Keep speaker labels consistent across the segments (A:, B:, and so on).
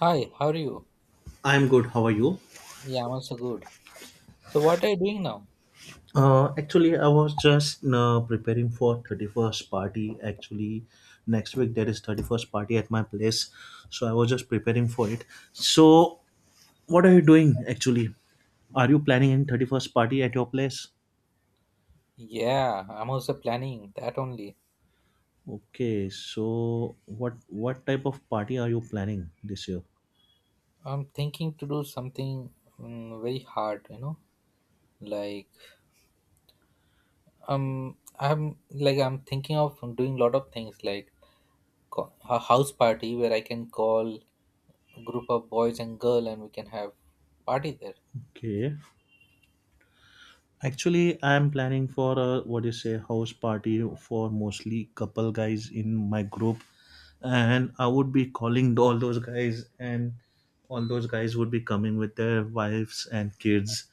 A: Hi, how are you?
B: I'm good. How are you?
A: Yeah, I'm also good. So, what are you doing now?
B: Actually, I was just preparing for 31st party. Actually, next week there is 31st party at my place, so I was just preparing for it. So, what are you doing actually? Are you planning in 31st party at your place?
A: Yeah, I'm also planning that only.
B: Okay, so what type of party are you planning this year?
A: I'm thinking to do something very hard, you know, like I'm like I'm thinking of doing lot of things like a house party where I can call a group of boys and girl and we can have party there.
B: Okay. Actually, I'm planning for a what you say house party for mostly couple guys in my group, and I would be calling all those guys, and all those guys would be coming with their wives and kids,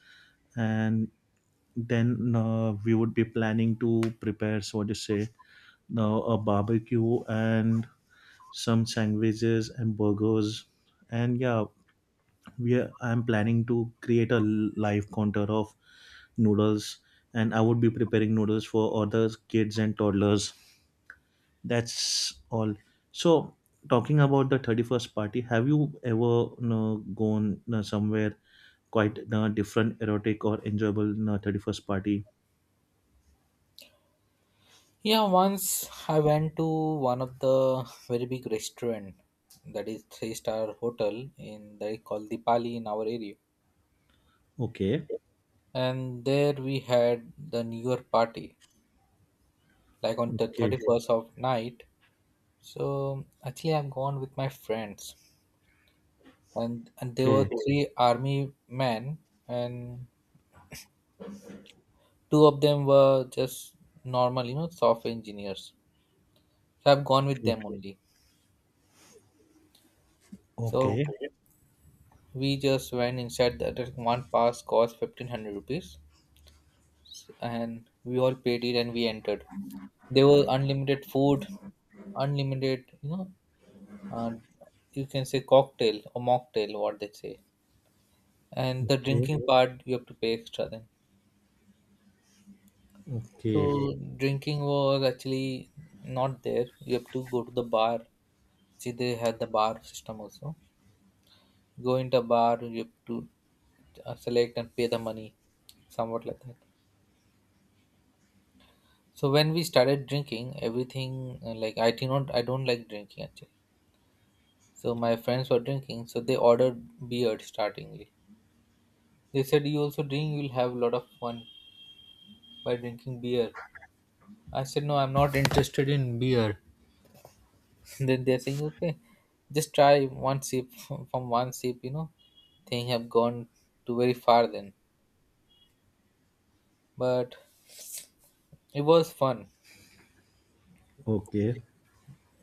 B: and then we would be planning to prepare so what you say now a barbecue and some sandwiches and burgers, and yeah, I'm planning to create a live counter of noodles, and I would be preparing noodles for other kids and toddlers. That's all. So talking about the 31st party, have you ever gone somewhere quite different erotic or enjoyable 31st party.
A: Yeah, once I went to one of the very big restaurant that is three-star hotel in that is called Dipali in our area,
B: Okay.
A: and there we had the new year party like on the
B: Okay.
A: 31st of night. So actually I'm gone with my friends, and there were
B: Okay.
A: three army men, and two of them were just normal, you know, software engineers. So I've gone with
B: Okay.
A: them only. So
B: Okay.
A: we just went inside. The one pass cost 1500 rupees, and we all paid it and we entered. There was unlimited food, unlimited, uh, you can say, cocktail or mocktail, what they say. And the
B: Okay.
A: drinking part, you have to pay extra then.
B: Okay.
A: So drinking was actually not there. You have to go to the bar. See, they had the bar system also. Go into a bar, you have to select and pay the money, somewhat like that. So when we started drinking, everything, like I do not, I don't like drinking actually. So my friends were drinking, so they ordered beer startingly. They said you also drink, you'll have a lot of fun by drinking beer. I said, no, I'm not interested in beer. Then they're saying, okay, just try one sip. From one sip, thing have gone to very far then. But it was fun.
B: Okay.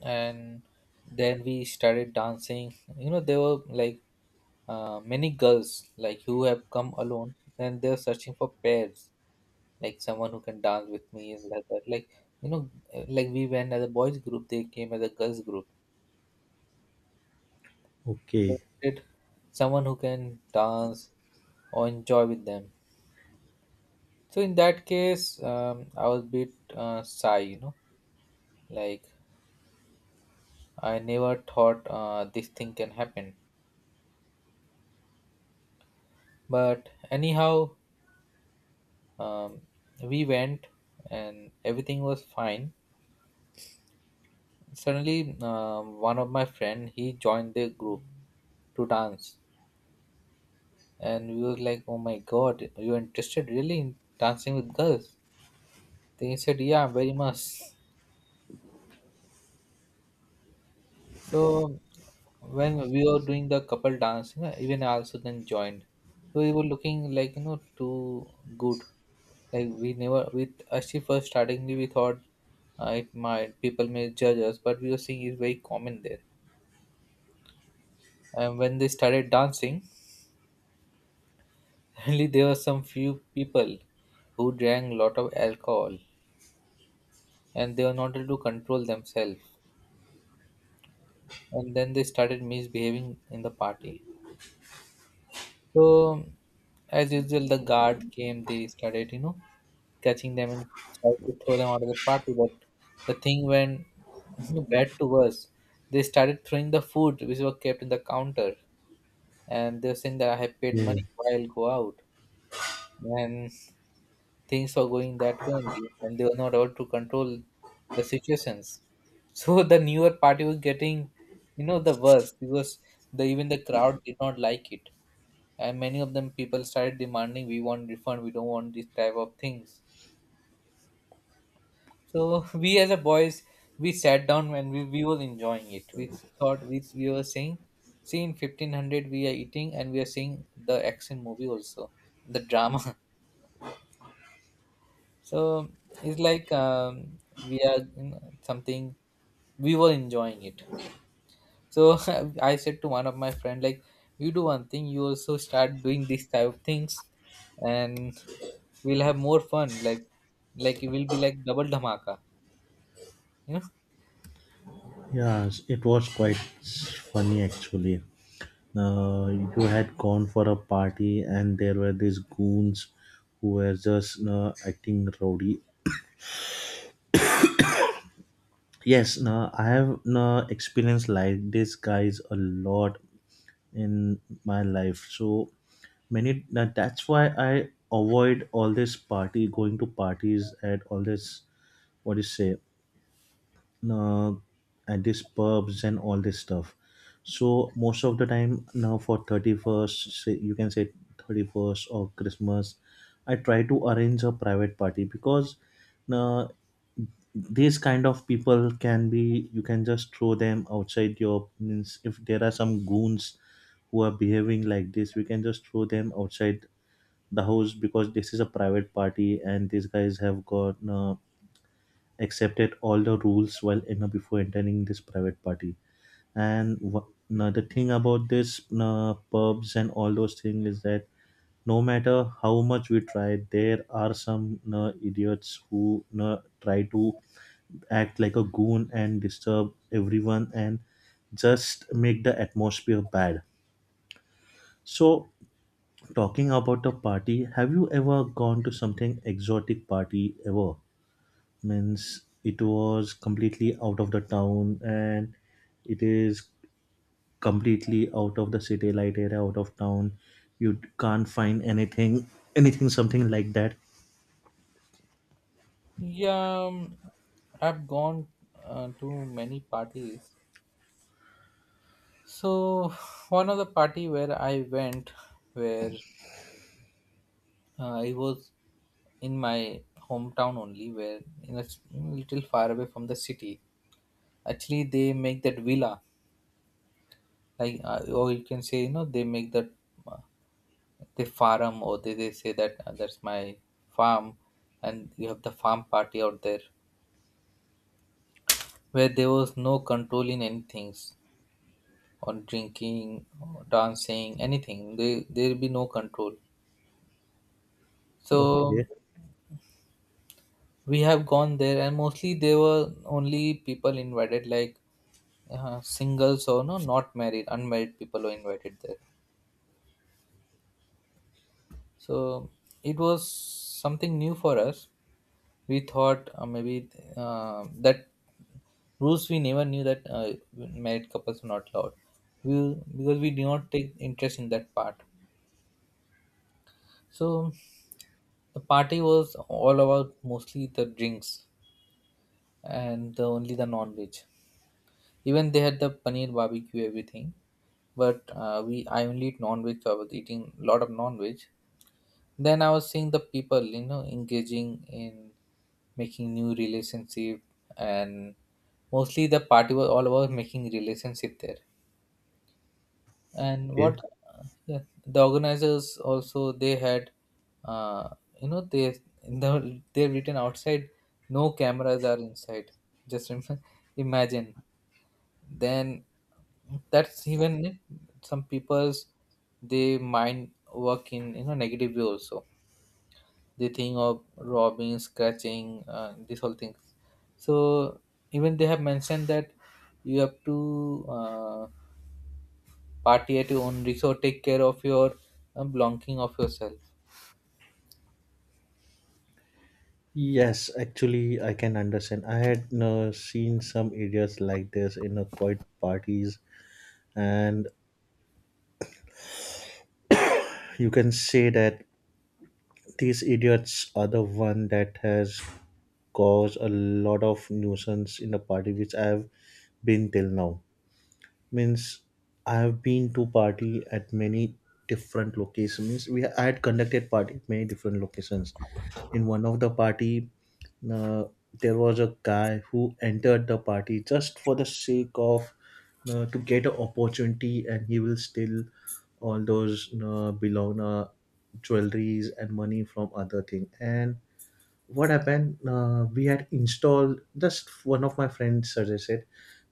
A: And then we started dancing. You know, there were like many girls like who have come alone and they're searching for pairs, like someone who can dance with me and like that. Like, we went as a boys group, they came as a girls group,
B: Okay.
A: wanted someone who can dance or enjoy with them. So in that case, I was a bit shy, you know, like I never thought this thing can happen. But anyhow, um, we went and everything was fine. Suddenly, one of my friend he joined the group to dance, and we was like, "Oh my God, you're interested really in dancing with girls?" Then he said, "Yeah, very much." So when we were doing the couple dance, you know, even I also then joined. So we were looking like, you know, too good. Like we never with actually first starting we thought it might people may judge us, but we were seeing it's very common there. And when they started dancing, suddenly there were some few people who drank a lot of alcohol and they were not able to control themselves. And then they started misbehaving in the party. So, as usual, the guard came, they started, you know, catching them and tried to throw them out of the party. But the thing went, you know, bad to worse. They started throwing the food which were kept in the counter, and they were saying that I have paid
B: Okay.
A: money, why I'll go out. And things were going that way only, and they were not able to control the situations. So the newer party was getting, you know, the worst, because the even the crowd did not like it and many of them people started demanding we want refund, we don't want this type of things. So we as a boys, we sat down and we were enjoying it. We thought, we were saying, see in 1500 we are eating and we are seeing the action movie also, the drama. So it's like, we are something, we were enjoying it. So I said to one of my friend, like, you do one thing, you also start doing these type of things, and we'll have more fun. Like it will be like double dhamaka, you know?
B: Yes, it was quite funny actually. Uh, you had gone for a party, and there were these goons who were just acting rowdy. Yes, no, I have no experience like these guys a lot in my life. So many that's why I avoid all this party going to parties at all this what do you say uh, at these pubs and all this stuff. So most of the time now for 31st, say you can say 31st or Christmas, I try to arrange a private party because uh, these kind of people can be, you can just throw them outside your means. If there are some goons who are behaving like this, we can just throw them outside the house because this is a private party, and these guys have got accepted all the rules well enough before entering this private party. And now the thing about this pubs and all those things is that no matter how much we try, there are some idiots who try to act like a goon and disturb everyone and just make the atmosphere bad. So, talking about a party, have you ever gone to something exotic party ever? Means it was completely out of the town, and it is completely out of the city light area, out of town, you can't find anything, anything, something like that.
A: Yeah, I've gone to many parties. So one of the party where I went, where it was in my hometown only, where in a little far away from the city. Actually, they make that villa like, or you can say you know they make that, uh, they farm, or they say that, that's my farm, and you have the farm party out there where there was no control in any things on drinking or dancing anything, they there'll be no control. So
B: Okay.
A: we have gone there, and mostly there were only people invited like singles or no, not married, unmarried people were invited there. So it was something new for us. We thought maybe that rules we never knew that married couples are not allowed. We, because we do not take interest in that part. So the party was all about mostly the drinks and only the non-veg. Even they had the paneer barbecue everything, but we I only eat non-veg. So I was eating a lot of non-veg. Then I was seeing the people, you know, engaging in making new relationship, and mostly the party was all about making relationship there. And what
B: Okay.
A: yeah, the organizers also they had, uh, you know they in the they've written outside no cameras are inside. Just imagine. Then that's even it. Some people's, they mind work in, you know, negative way also, they think of robbing, scratching, this whole thing. So even they have mentioned that you have to party at your own risk or take care of your belonging of yourself.
B: Yes, actually, I can understand. I had seen some areas like this in a quiet parties, and you can say that these idiots are the one that has caused a lot of nuisance in the party which I have been till now. Means I have been to party at many different locations. Means we I had conducted party at many different locations. In one of the party, uh, there was a guy who entered the party just for the sake of to get an opportunity, and he will steal all those belong jewelries and money from other thing. And what happened, we had installed, just one of my friends suggested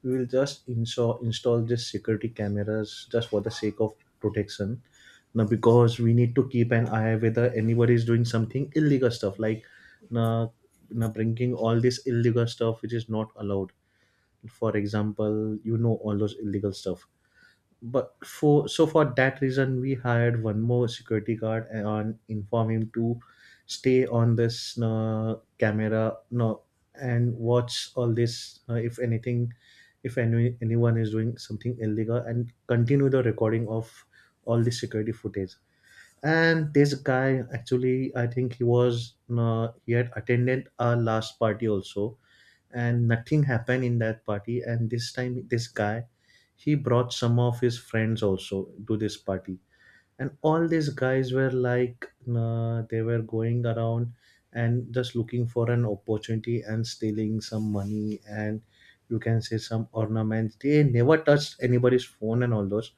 B: we will just install this security cameras just for the sake of protection. Now because we need to keep an eye whether anybody is doing something illegal stuff like now, now bringing all this illegal stuff which is not allowed. For example, you know all those illegal stuff. But for so for that reason we hired one more security guard and inform him to stay on this camera, no, and watch all this, if anything, if any, anyone is doing something illegal, and continue the recording of all the security footage. And this guy, actually I think he was he had attended our last party also, and nothing happened in that party, and this time this guy, he brought some of his friends also to this party. And all these guys were like, they were going around and just looking for an opportunity and stealing some money and, you can say, some ornaments. They never touched anybody's phone and all those,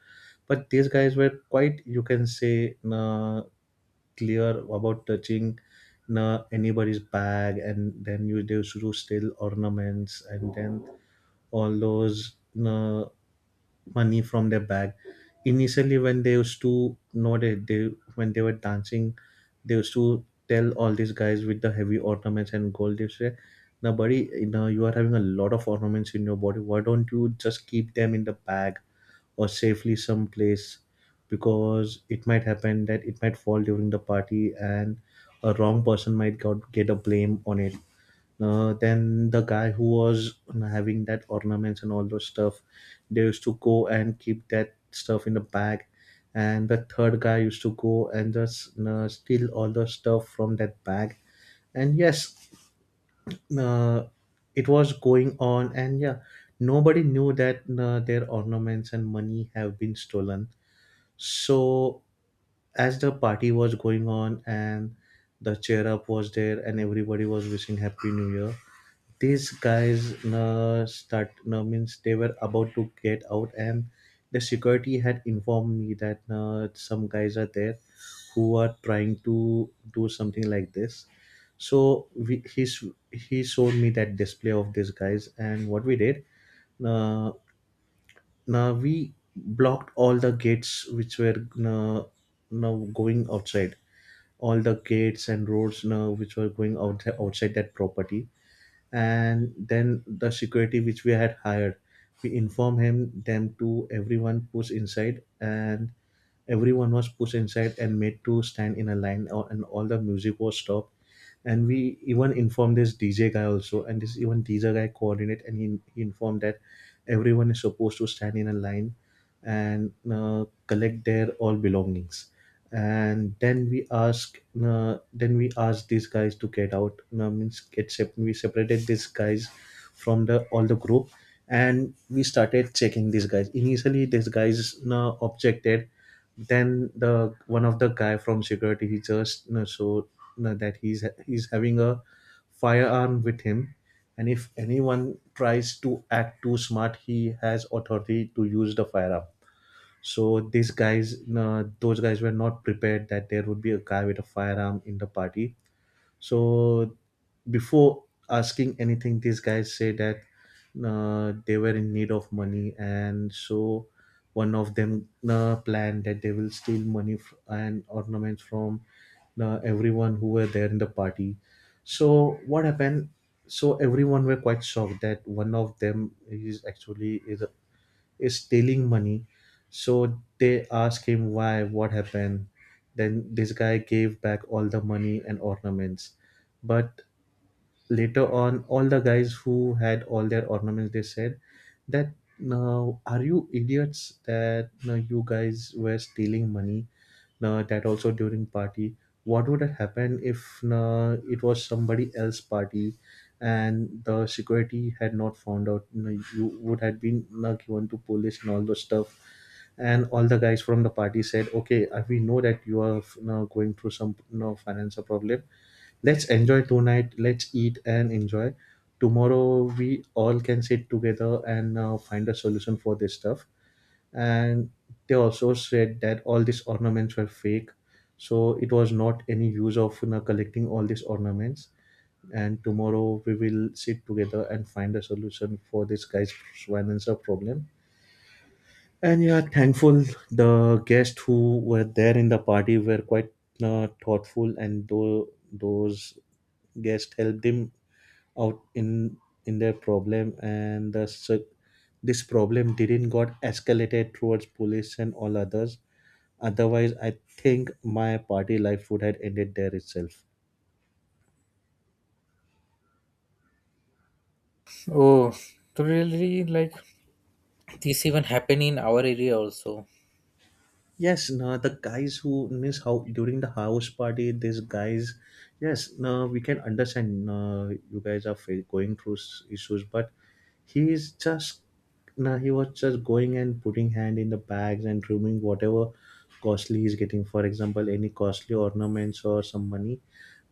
B: but these guys were quite, you can say, clear about touching anybody's bag, and then you they used to steal ornaments and then all those uh, money from their bag. Initially, when they used to know that, they when they were dancing, they used to tell all these guys with the heavy ornaments and gold. They say, "Now, buddy, you know you are having a lot of ornaments in your body. Why don't you just keep them in the bag or safely someplace?" Because it might happen that it might fall during the party, and a wrong person might got, get a blame on it. Then the guy who was having that ornaments and all those stuff, they used to go and keep that stuff in the bag, and the third guy used to go and just steal all the stuff from that bag. And yes, uh, it was going on, and yeah, nobody knew that their ornaments and money have been stolen. So as the party was going on, and the cheer up was there, and everybody was wishing happy new year, these guys no start no means they were about to get out, and the security had informed me that no, some guys are there who are trying to do something like this. So he showed me that display of these guys, and what we did, uh, now we blocked all the gates which were uh, now going outside, all the gates and roads now which were going out outside that property. And then the security which we had hired, we informed him them to everyone push inside, and everyone was pushed inside and made to stand in a line, and all the music was stopped. And we even informed this DJ guy also, and this even DJ guy coordinate, and he informed that everyone is supposed to stand in a line and collect their all belongings. And then we ask these guys to get out, we separated these guys from the all the group, and we started checking these guys. Initially these guys objected. Then the one of the guy from security, he just showed that he's having a firearm with him, and if anyone tries to act too smart, he has authority to use the firearm. So these guys, those guys were not prepared that there would be a guy with a firearm in the party. So before asking anything, these guys say that they were in need of money, and so one of them planned that they will steal money and ornaments from everyone who were there in the party. So what happened? So everyone were quite shocked that one of them is actually is stealing money. So they ask him why, what happened. Then this guy gave back all the money and ornaments. But later on, all the guys who had all their ornaments, they said that, now are you idiots that now you guys were stealing money, now that also during party? What would have happened if now it was somebody else party, and the security had not found out? Now you would have been now given to police and all those stuff. And all the guys from the party said, okay, we know that you are, going through some, financial problem. Let's enjoy tonight. Let's eat and enjoy. Tomorrow we all can sit together and find a solution for this stuff. And they also said that all these ornaments were fake, so it was not any use of, collecting all these ornaments. And tomorrow we will sit together and find a solution for this guy's Schweinenser problem. And yeah, thankful, the guests who were there in the party were quite thoughtful, and those guests helped him out in their problem, and this problem didn't got escalated towards police and all others. Otherwise, I think my party life would have ended there itself.
A: Oh, so really, like this even happen in our area also.
B: Yes, no, the guys who means how during the house party, these guys, yes, no, we can understand. No, you guys are going through issues, but he is just, no, he was just going and putting hand in the bags and removing whatever costly he's getting. For example, any costly ornaments or some money,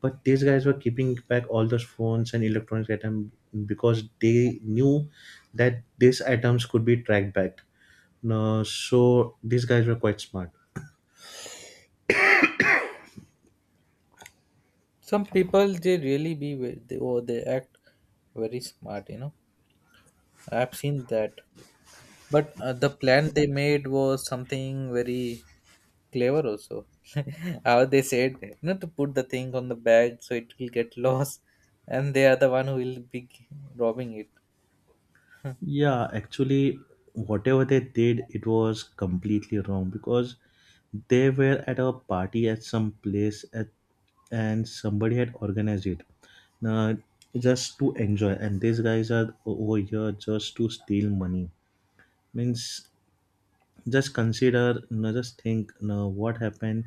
B: but these guys were keeping back all those phones and electronics items because they knew that these items could be tracked back. No, so these guys were quite smart.
A: Some people, they really be they, oh, they act very smart. You know, I've seen that. But the plan they made was something very clever also. How they said, you know, to put the thing on the bag so it will get lost, and they are the one who will be robbing it.
B: Yeah, actually, whatever they did, it was completely wrong because they were at a party at some place at, and somebody had organized it uh, just to enjoy, and these guys are over here just to steal money. Means just consider, just think, what happened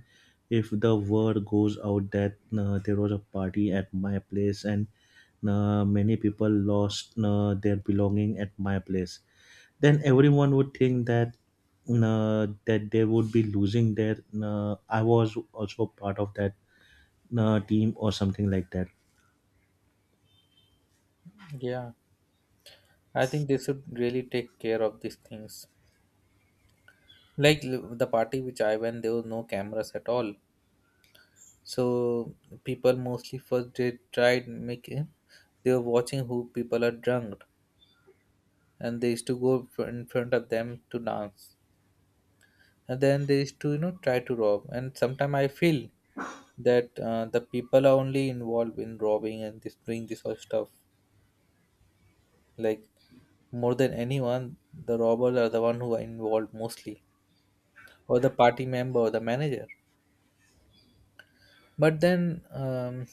B: if the word goes out that there was a party at my place and many people lost their belonging at my place. Then everyone would think that they would be losing their. I was also part of that team or something like that.
A: Yeah, I think they should really take care of these things. Like the party which I went, there was no cameras at all. So people mostly first they tried making, they were watching who people are drunk, and they used to go in front of them to dance, and then they used to, you know, try to rob. And sometimes I feel that the people are only involved in robbing and this doing this sort of stuff, like more than anyone, the robbers are the one who are involved mostly, or the party member or the manager. But then,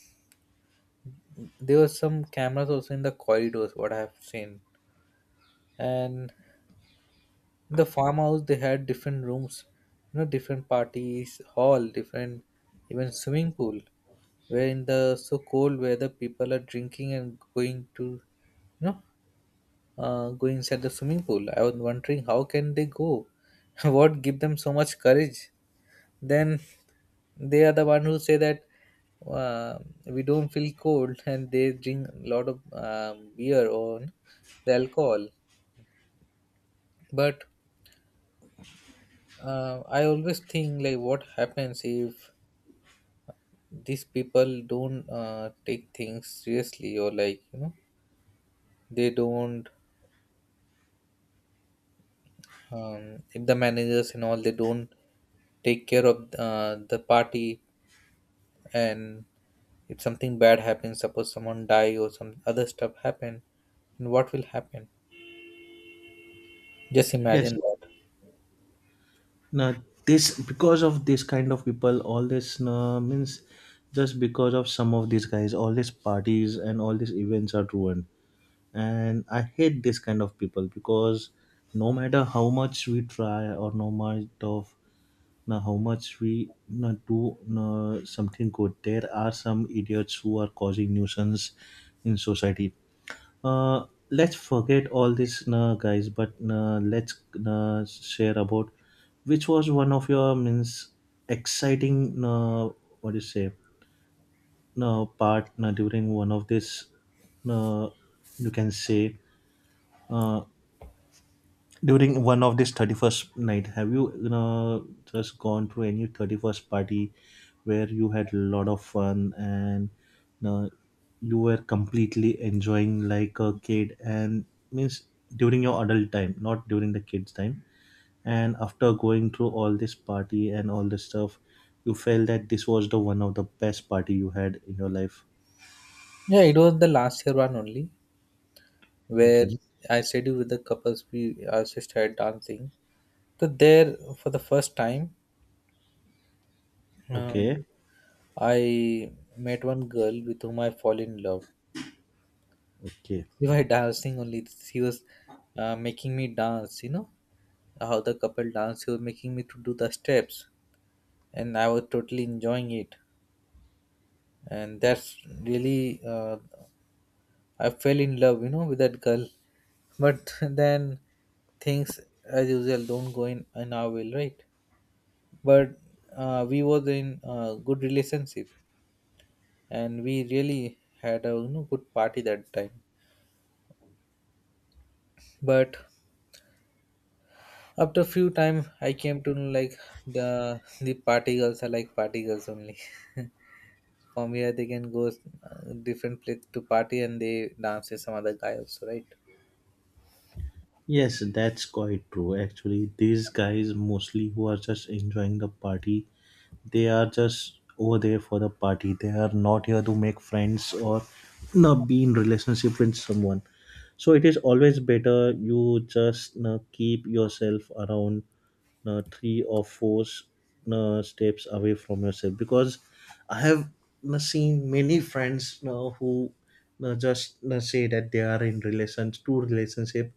A: there were some cameras also in the corridors what I have seen, and in the farmhouse they had different rooms, you know, different parties hall, different, even swimming pool, where in the so cold weather people are drinking and going to, you know, go inside the swimming pool. I was wondering how can they go. What give them so much courage? Then they are the one who say that uh, we don't feel cold, and they drink a lot of beer or the alcohol. But I always think like what happens if these people don't take things seriously, or like, you know, they don't, if the managers and all they don't take care of the party, and if something bad happens, suppose someone die or some other stuff happen, then what will happen? Just
B: Yes.
A: imagine that.
B: Now this because of this kind of people, all this means just because of some of these guys, all these parties and all these events are ruined. And I hate this kind of people because no matter how much we try or no matter of now how much we na, do na, something good, there are some idiots who are causing nuisance in society. Let's forget all this, nah, guys. But nah, let's nah, share about which was one of your means exciting. Nah, what do you say? Nah, part nah, during one of this. Nah, you can say. Uh, During one of this 31st night, have you, just gone to any 31st party where you had a lot of fun and you, know, you were completely enjoying like a kid and means during your adult time, not during the kids' time. And after going through all this party and all this stuff, you felt that this was the one of the best party you had in your life.
A: Yeah, it was the last year one only, where
B: Okay.
A: I studied with the couples, we also sister dancing. So there, for the first time, Um,
B: Okay.
A: I met one girl with whom I fall in love.
B: Okay.
A: We were dancing only. She was making me dance. You know how the couple dance. She was making me to do the steps, and I was totally enjoying it. And that's really, I fell in love, you know, with that girl. But then things as usual don't go in our will, right? But we was in a good relationship, and we really had a, you know, good party that time. But after few time, I came to know like the party girls are like party girls only. From here, they can go different place to party and they dance with some other guy also, right?
B: Yes, that's quite true. Actually, these guys mostly who are just enjoying the party, they are just over there for the party. They are not here to make friends or not be in relationship with someone. So it is always better you just keep yourself around three or four steps away from yourself because I have seen many friends who just say that they are in relations to relationship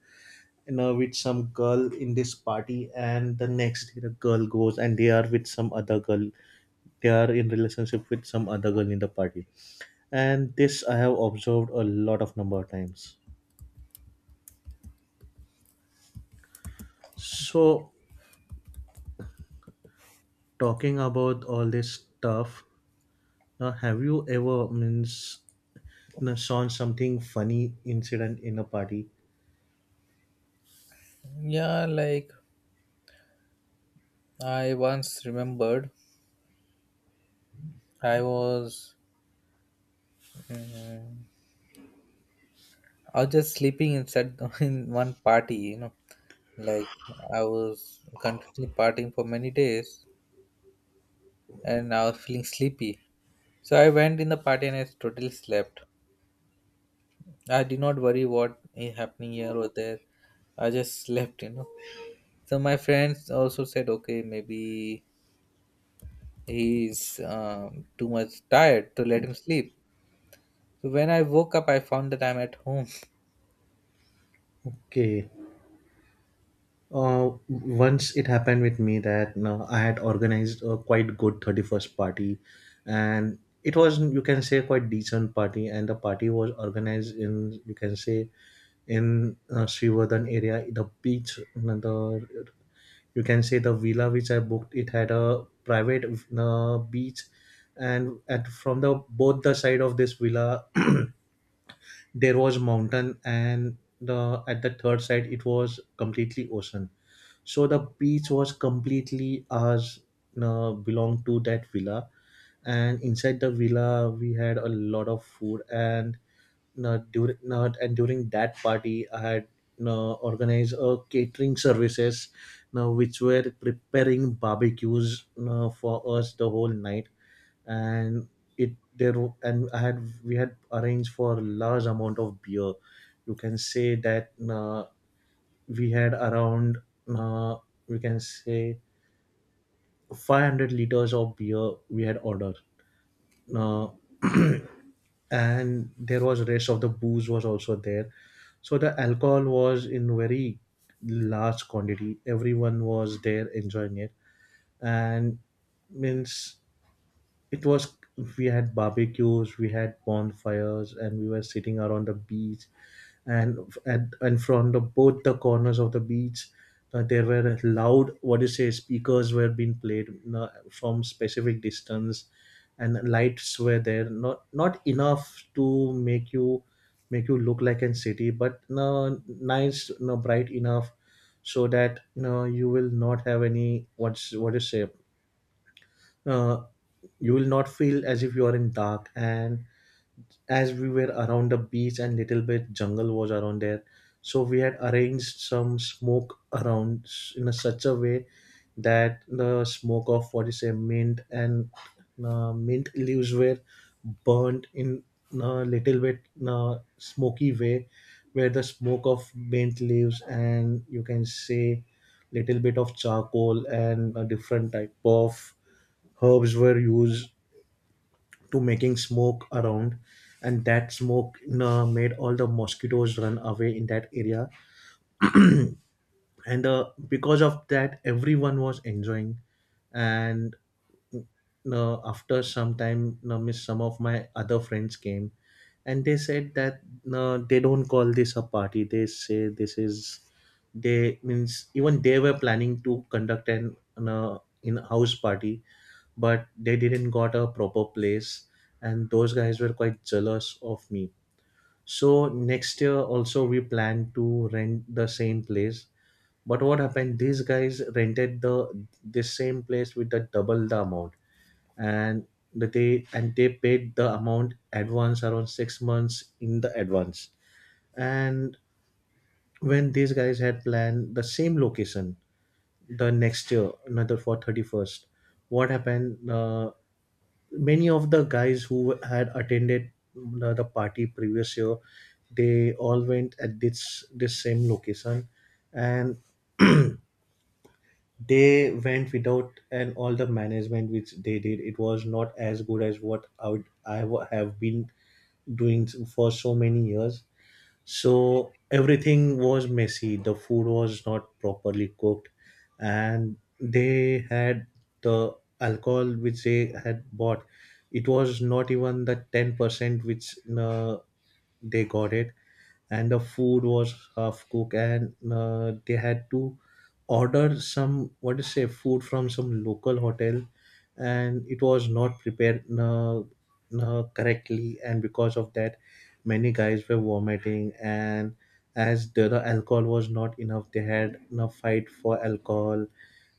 B: with some girl in this party, and the next day the girl goes and they are with some other girl. They are in relationship with some other girl in the party, and this I have observed a lot of number of times. So, talking about all this stuff, now have you ever means saw something funny incident in a party?
A: Yeah, like I once remembered, I was mm, just sleeping inside in one party, you know, like I was continuously partying for many days, and I was feeling sleepy. So I went in the party and I totally slept. I did not worry what is happening here or there. I just slept, you know. So my friends also said, okay, maybe he's too much tired, to let him sleep. So when I woke up, I found that I'm at home.
B: Okay. Once it happened with me that you I had organized a quite good 31st party, and it was, you can say, quite decent party, and the party was organized in, you can say, in Srivadhan area, the beach, you the you can say the villa which I booked. It had a private beach, and at from the both the side of this villa, there was mountain, and the at the third side it was completely ocean, so the beach was completely ours, belonged to that villa. And inside the villa, we had a lot of food. And during that party, I had organized a catering services, which were preparing barbecues for us the whole night. And and I had we had arranged for large amount of beer. You can say that. We had around uh, we can say 500 liters of beer we had ordered, uh, and there was rest of the booze was also there, so the alcohol was in very large quantity. Everyone was there enjoying it, and means it was we had barbecues, we had bonfires, and we were sitting around the beach. And at and from the both the corners of the beach, there were loud, what do you say, speakers were being played from specific distance, and lights were there, not enough to make you look like a city, but no nice no bright enough, so that no you will not have any what do you say, uh, you will not feel as if you are in dark. And as we were around the beach and little bit jungle was around there, so we had arranged some smoke around in a such a way that the smoke of what you say mint and mint leaves were burnt in a little bit smoky way, where the smoke of mint leaves and, you can say, little bit of charcoal and a different type of herbs were used to making smoke around, and that smoke made all the mosquitoes run away in that area. And because of that everyone was enjoying. And no, after some time, no, some of my other friends came, and they said that no, they don't call this a party. They say this is, they means even they were planning to conduct an in-house party, but they didn't got a proper place, and those guys were quite jealous of me. So next year also we plan to rent the same place. But what happened? These guys rented the this same place with the double the amount, and they paid the amount advance around 6 months in the advance. And when these guys had planned the same location the next year another for 31st, what happened, many of the guys who had attended the party previous year, they all went at this same location, and they went without, and all the management which they did, it was not as good as what I would have been doing for so many years. So everything was messy, the food was not properly cooked, and they had the alcohol which they had bought, it was not even the 10% which they got it. And the food was half cooked, and they had to order some, what to say, food from some local hotel, and it was not prepared correctly, and because of that many guys were vomiting. And as the alcohol was not enough, they had a fight for alcohol,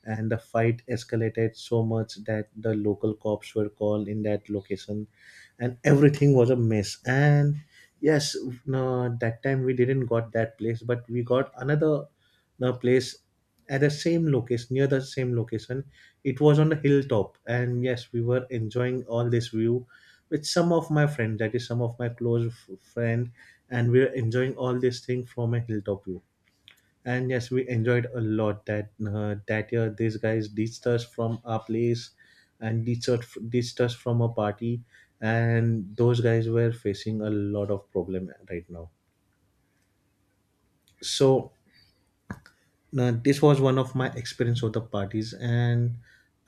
B: and the fight escalated so much that the local cops were called in that location, and everything was a mess. And yes, no, that time we didn't got that place, but we got another no, place at the same location near the same location. It was on the hilltop, and yes, we were enjoying all this view with some of my friends, that is some of my close friend, and we were enjoying all this thing from a hilltop view. And yes, we enjoyed a lot that year. These guys ditched us from our place, and ditched us, from a party, and those guys were facing a lot of problem right now. So, now, this was one of my experience of the parties, and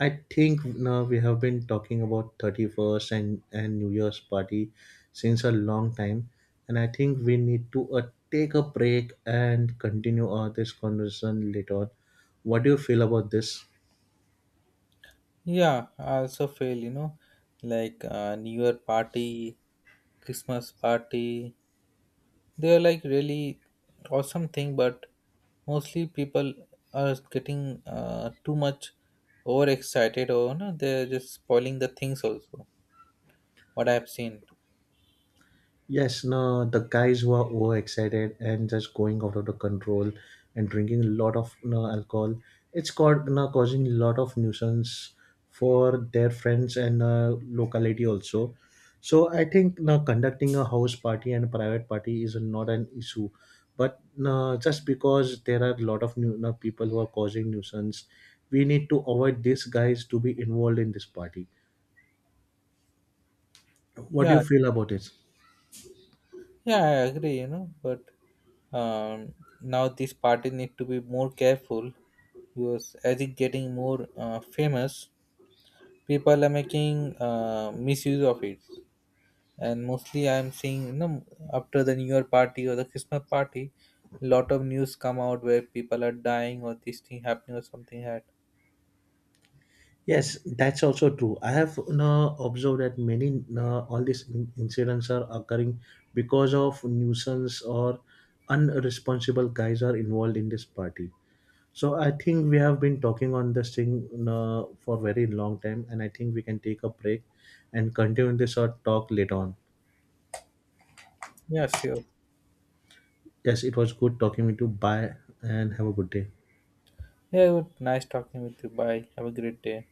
B: I think now we have been talking about 31st and New Year's party since a long time, and I think we need to take a break and continue this conversation later on. What do you feel about this?
A: Yeah, I also feel, you know, like New Year party, Christmas party. They're like really awesome thing, but mostly people are getting too much overexcited or no, they're just spoiling the things also, what I've seen.
B: Yes, no, the guys were overexcited and just going out of the control and drinking a lot of no, alcohol. It's called no, causing a lot of nuisance for their friends and locality also. So I think no, conducting a house party and a private party is not an issue. But no, just because there are a lot of new no, people who are causing nuisance, we need to avoid these guys to be involved in this party. What do you
A: Yeah,
B: feel about it?
A: yeah, I agree, but um, now these parties need to be more careful, because as it's getting more famous, people are making misuse of it. And mostly I'm seeing, you know, after the new year party or the Christmas party, lot of news come out where people are dying or this thing happening or something had.
B: Yes, that's also true. I have, observed that many, all these incidents are occurring because of nuisance or unresponsible guys are involved in this party. So I think we have been talking on this thing, for very long time, and I think we can take a break and continue this or talk later on.
A: Yeah, sure.
B: Yes, it was good talking with you. Bye, and have a good day.
A: Yeah, it was nice talking with you. Bye. Have a great day.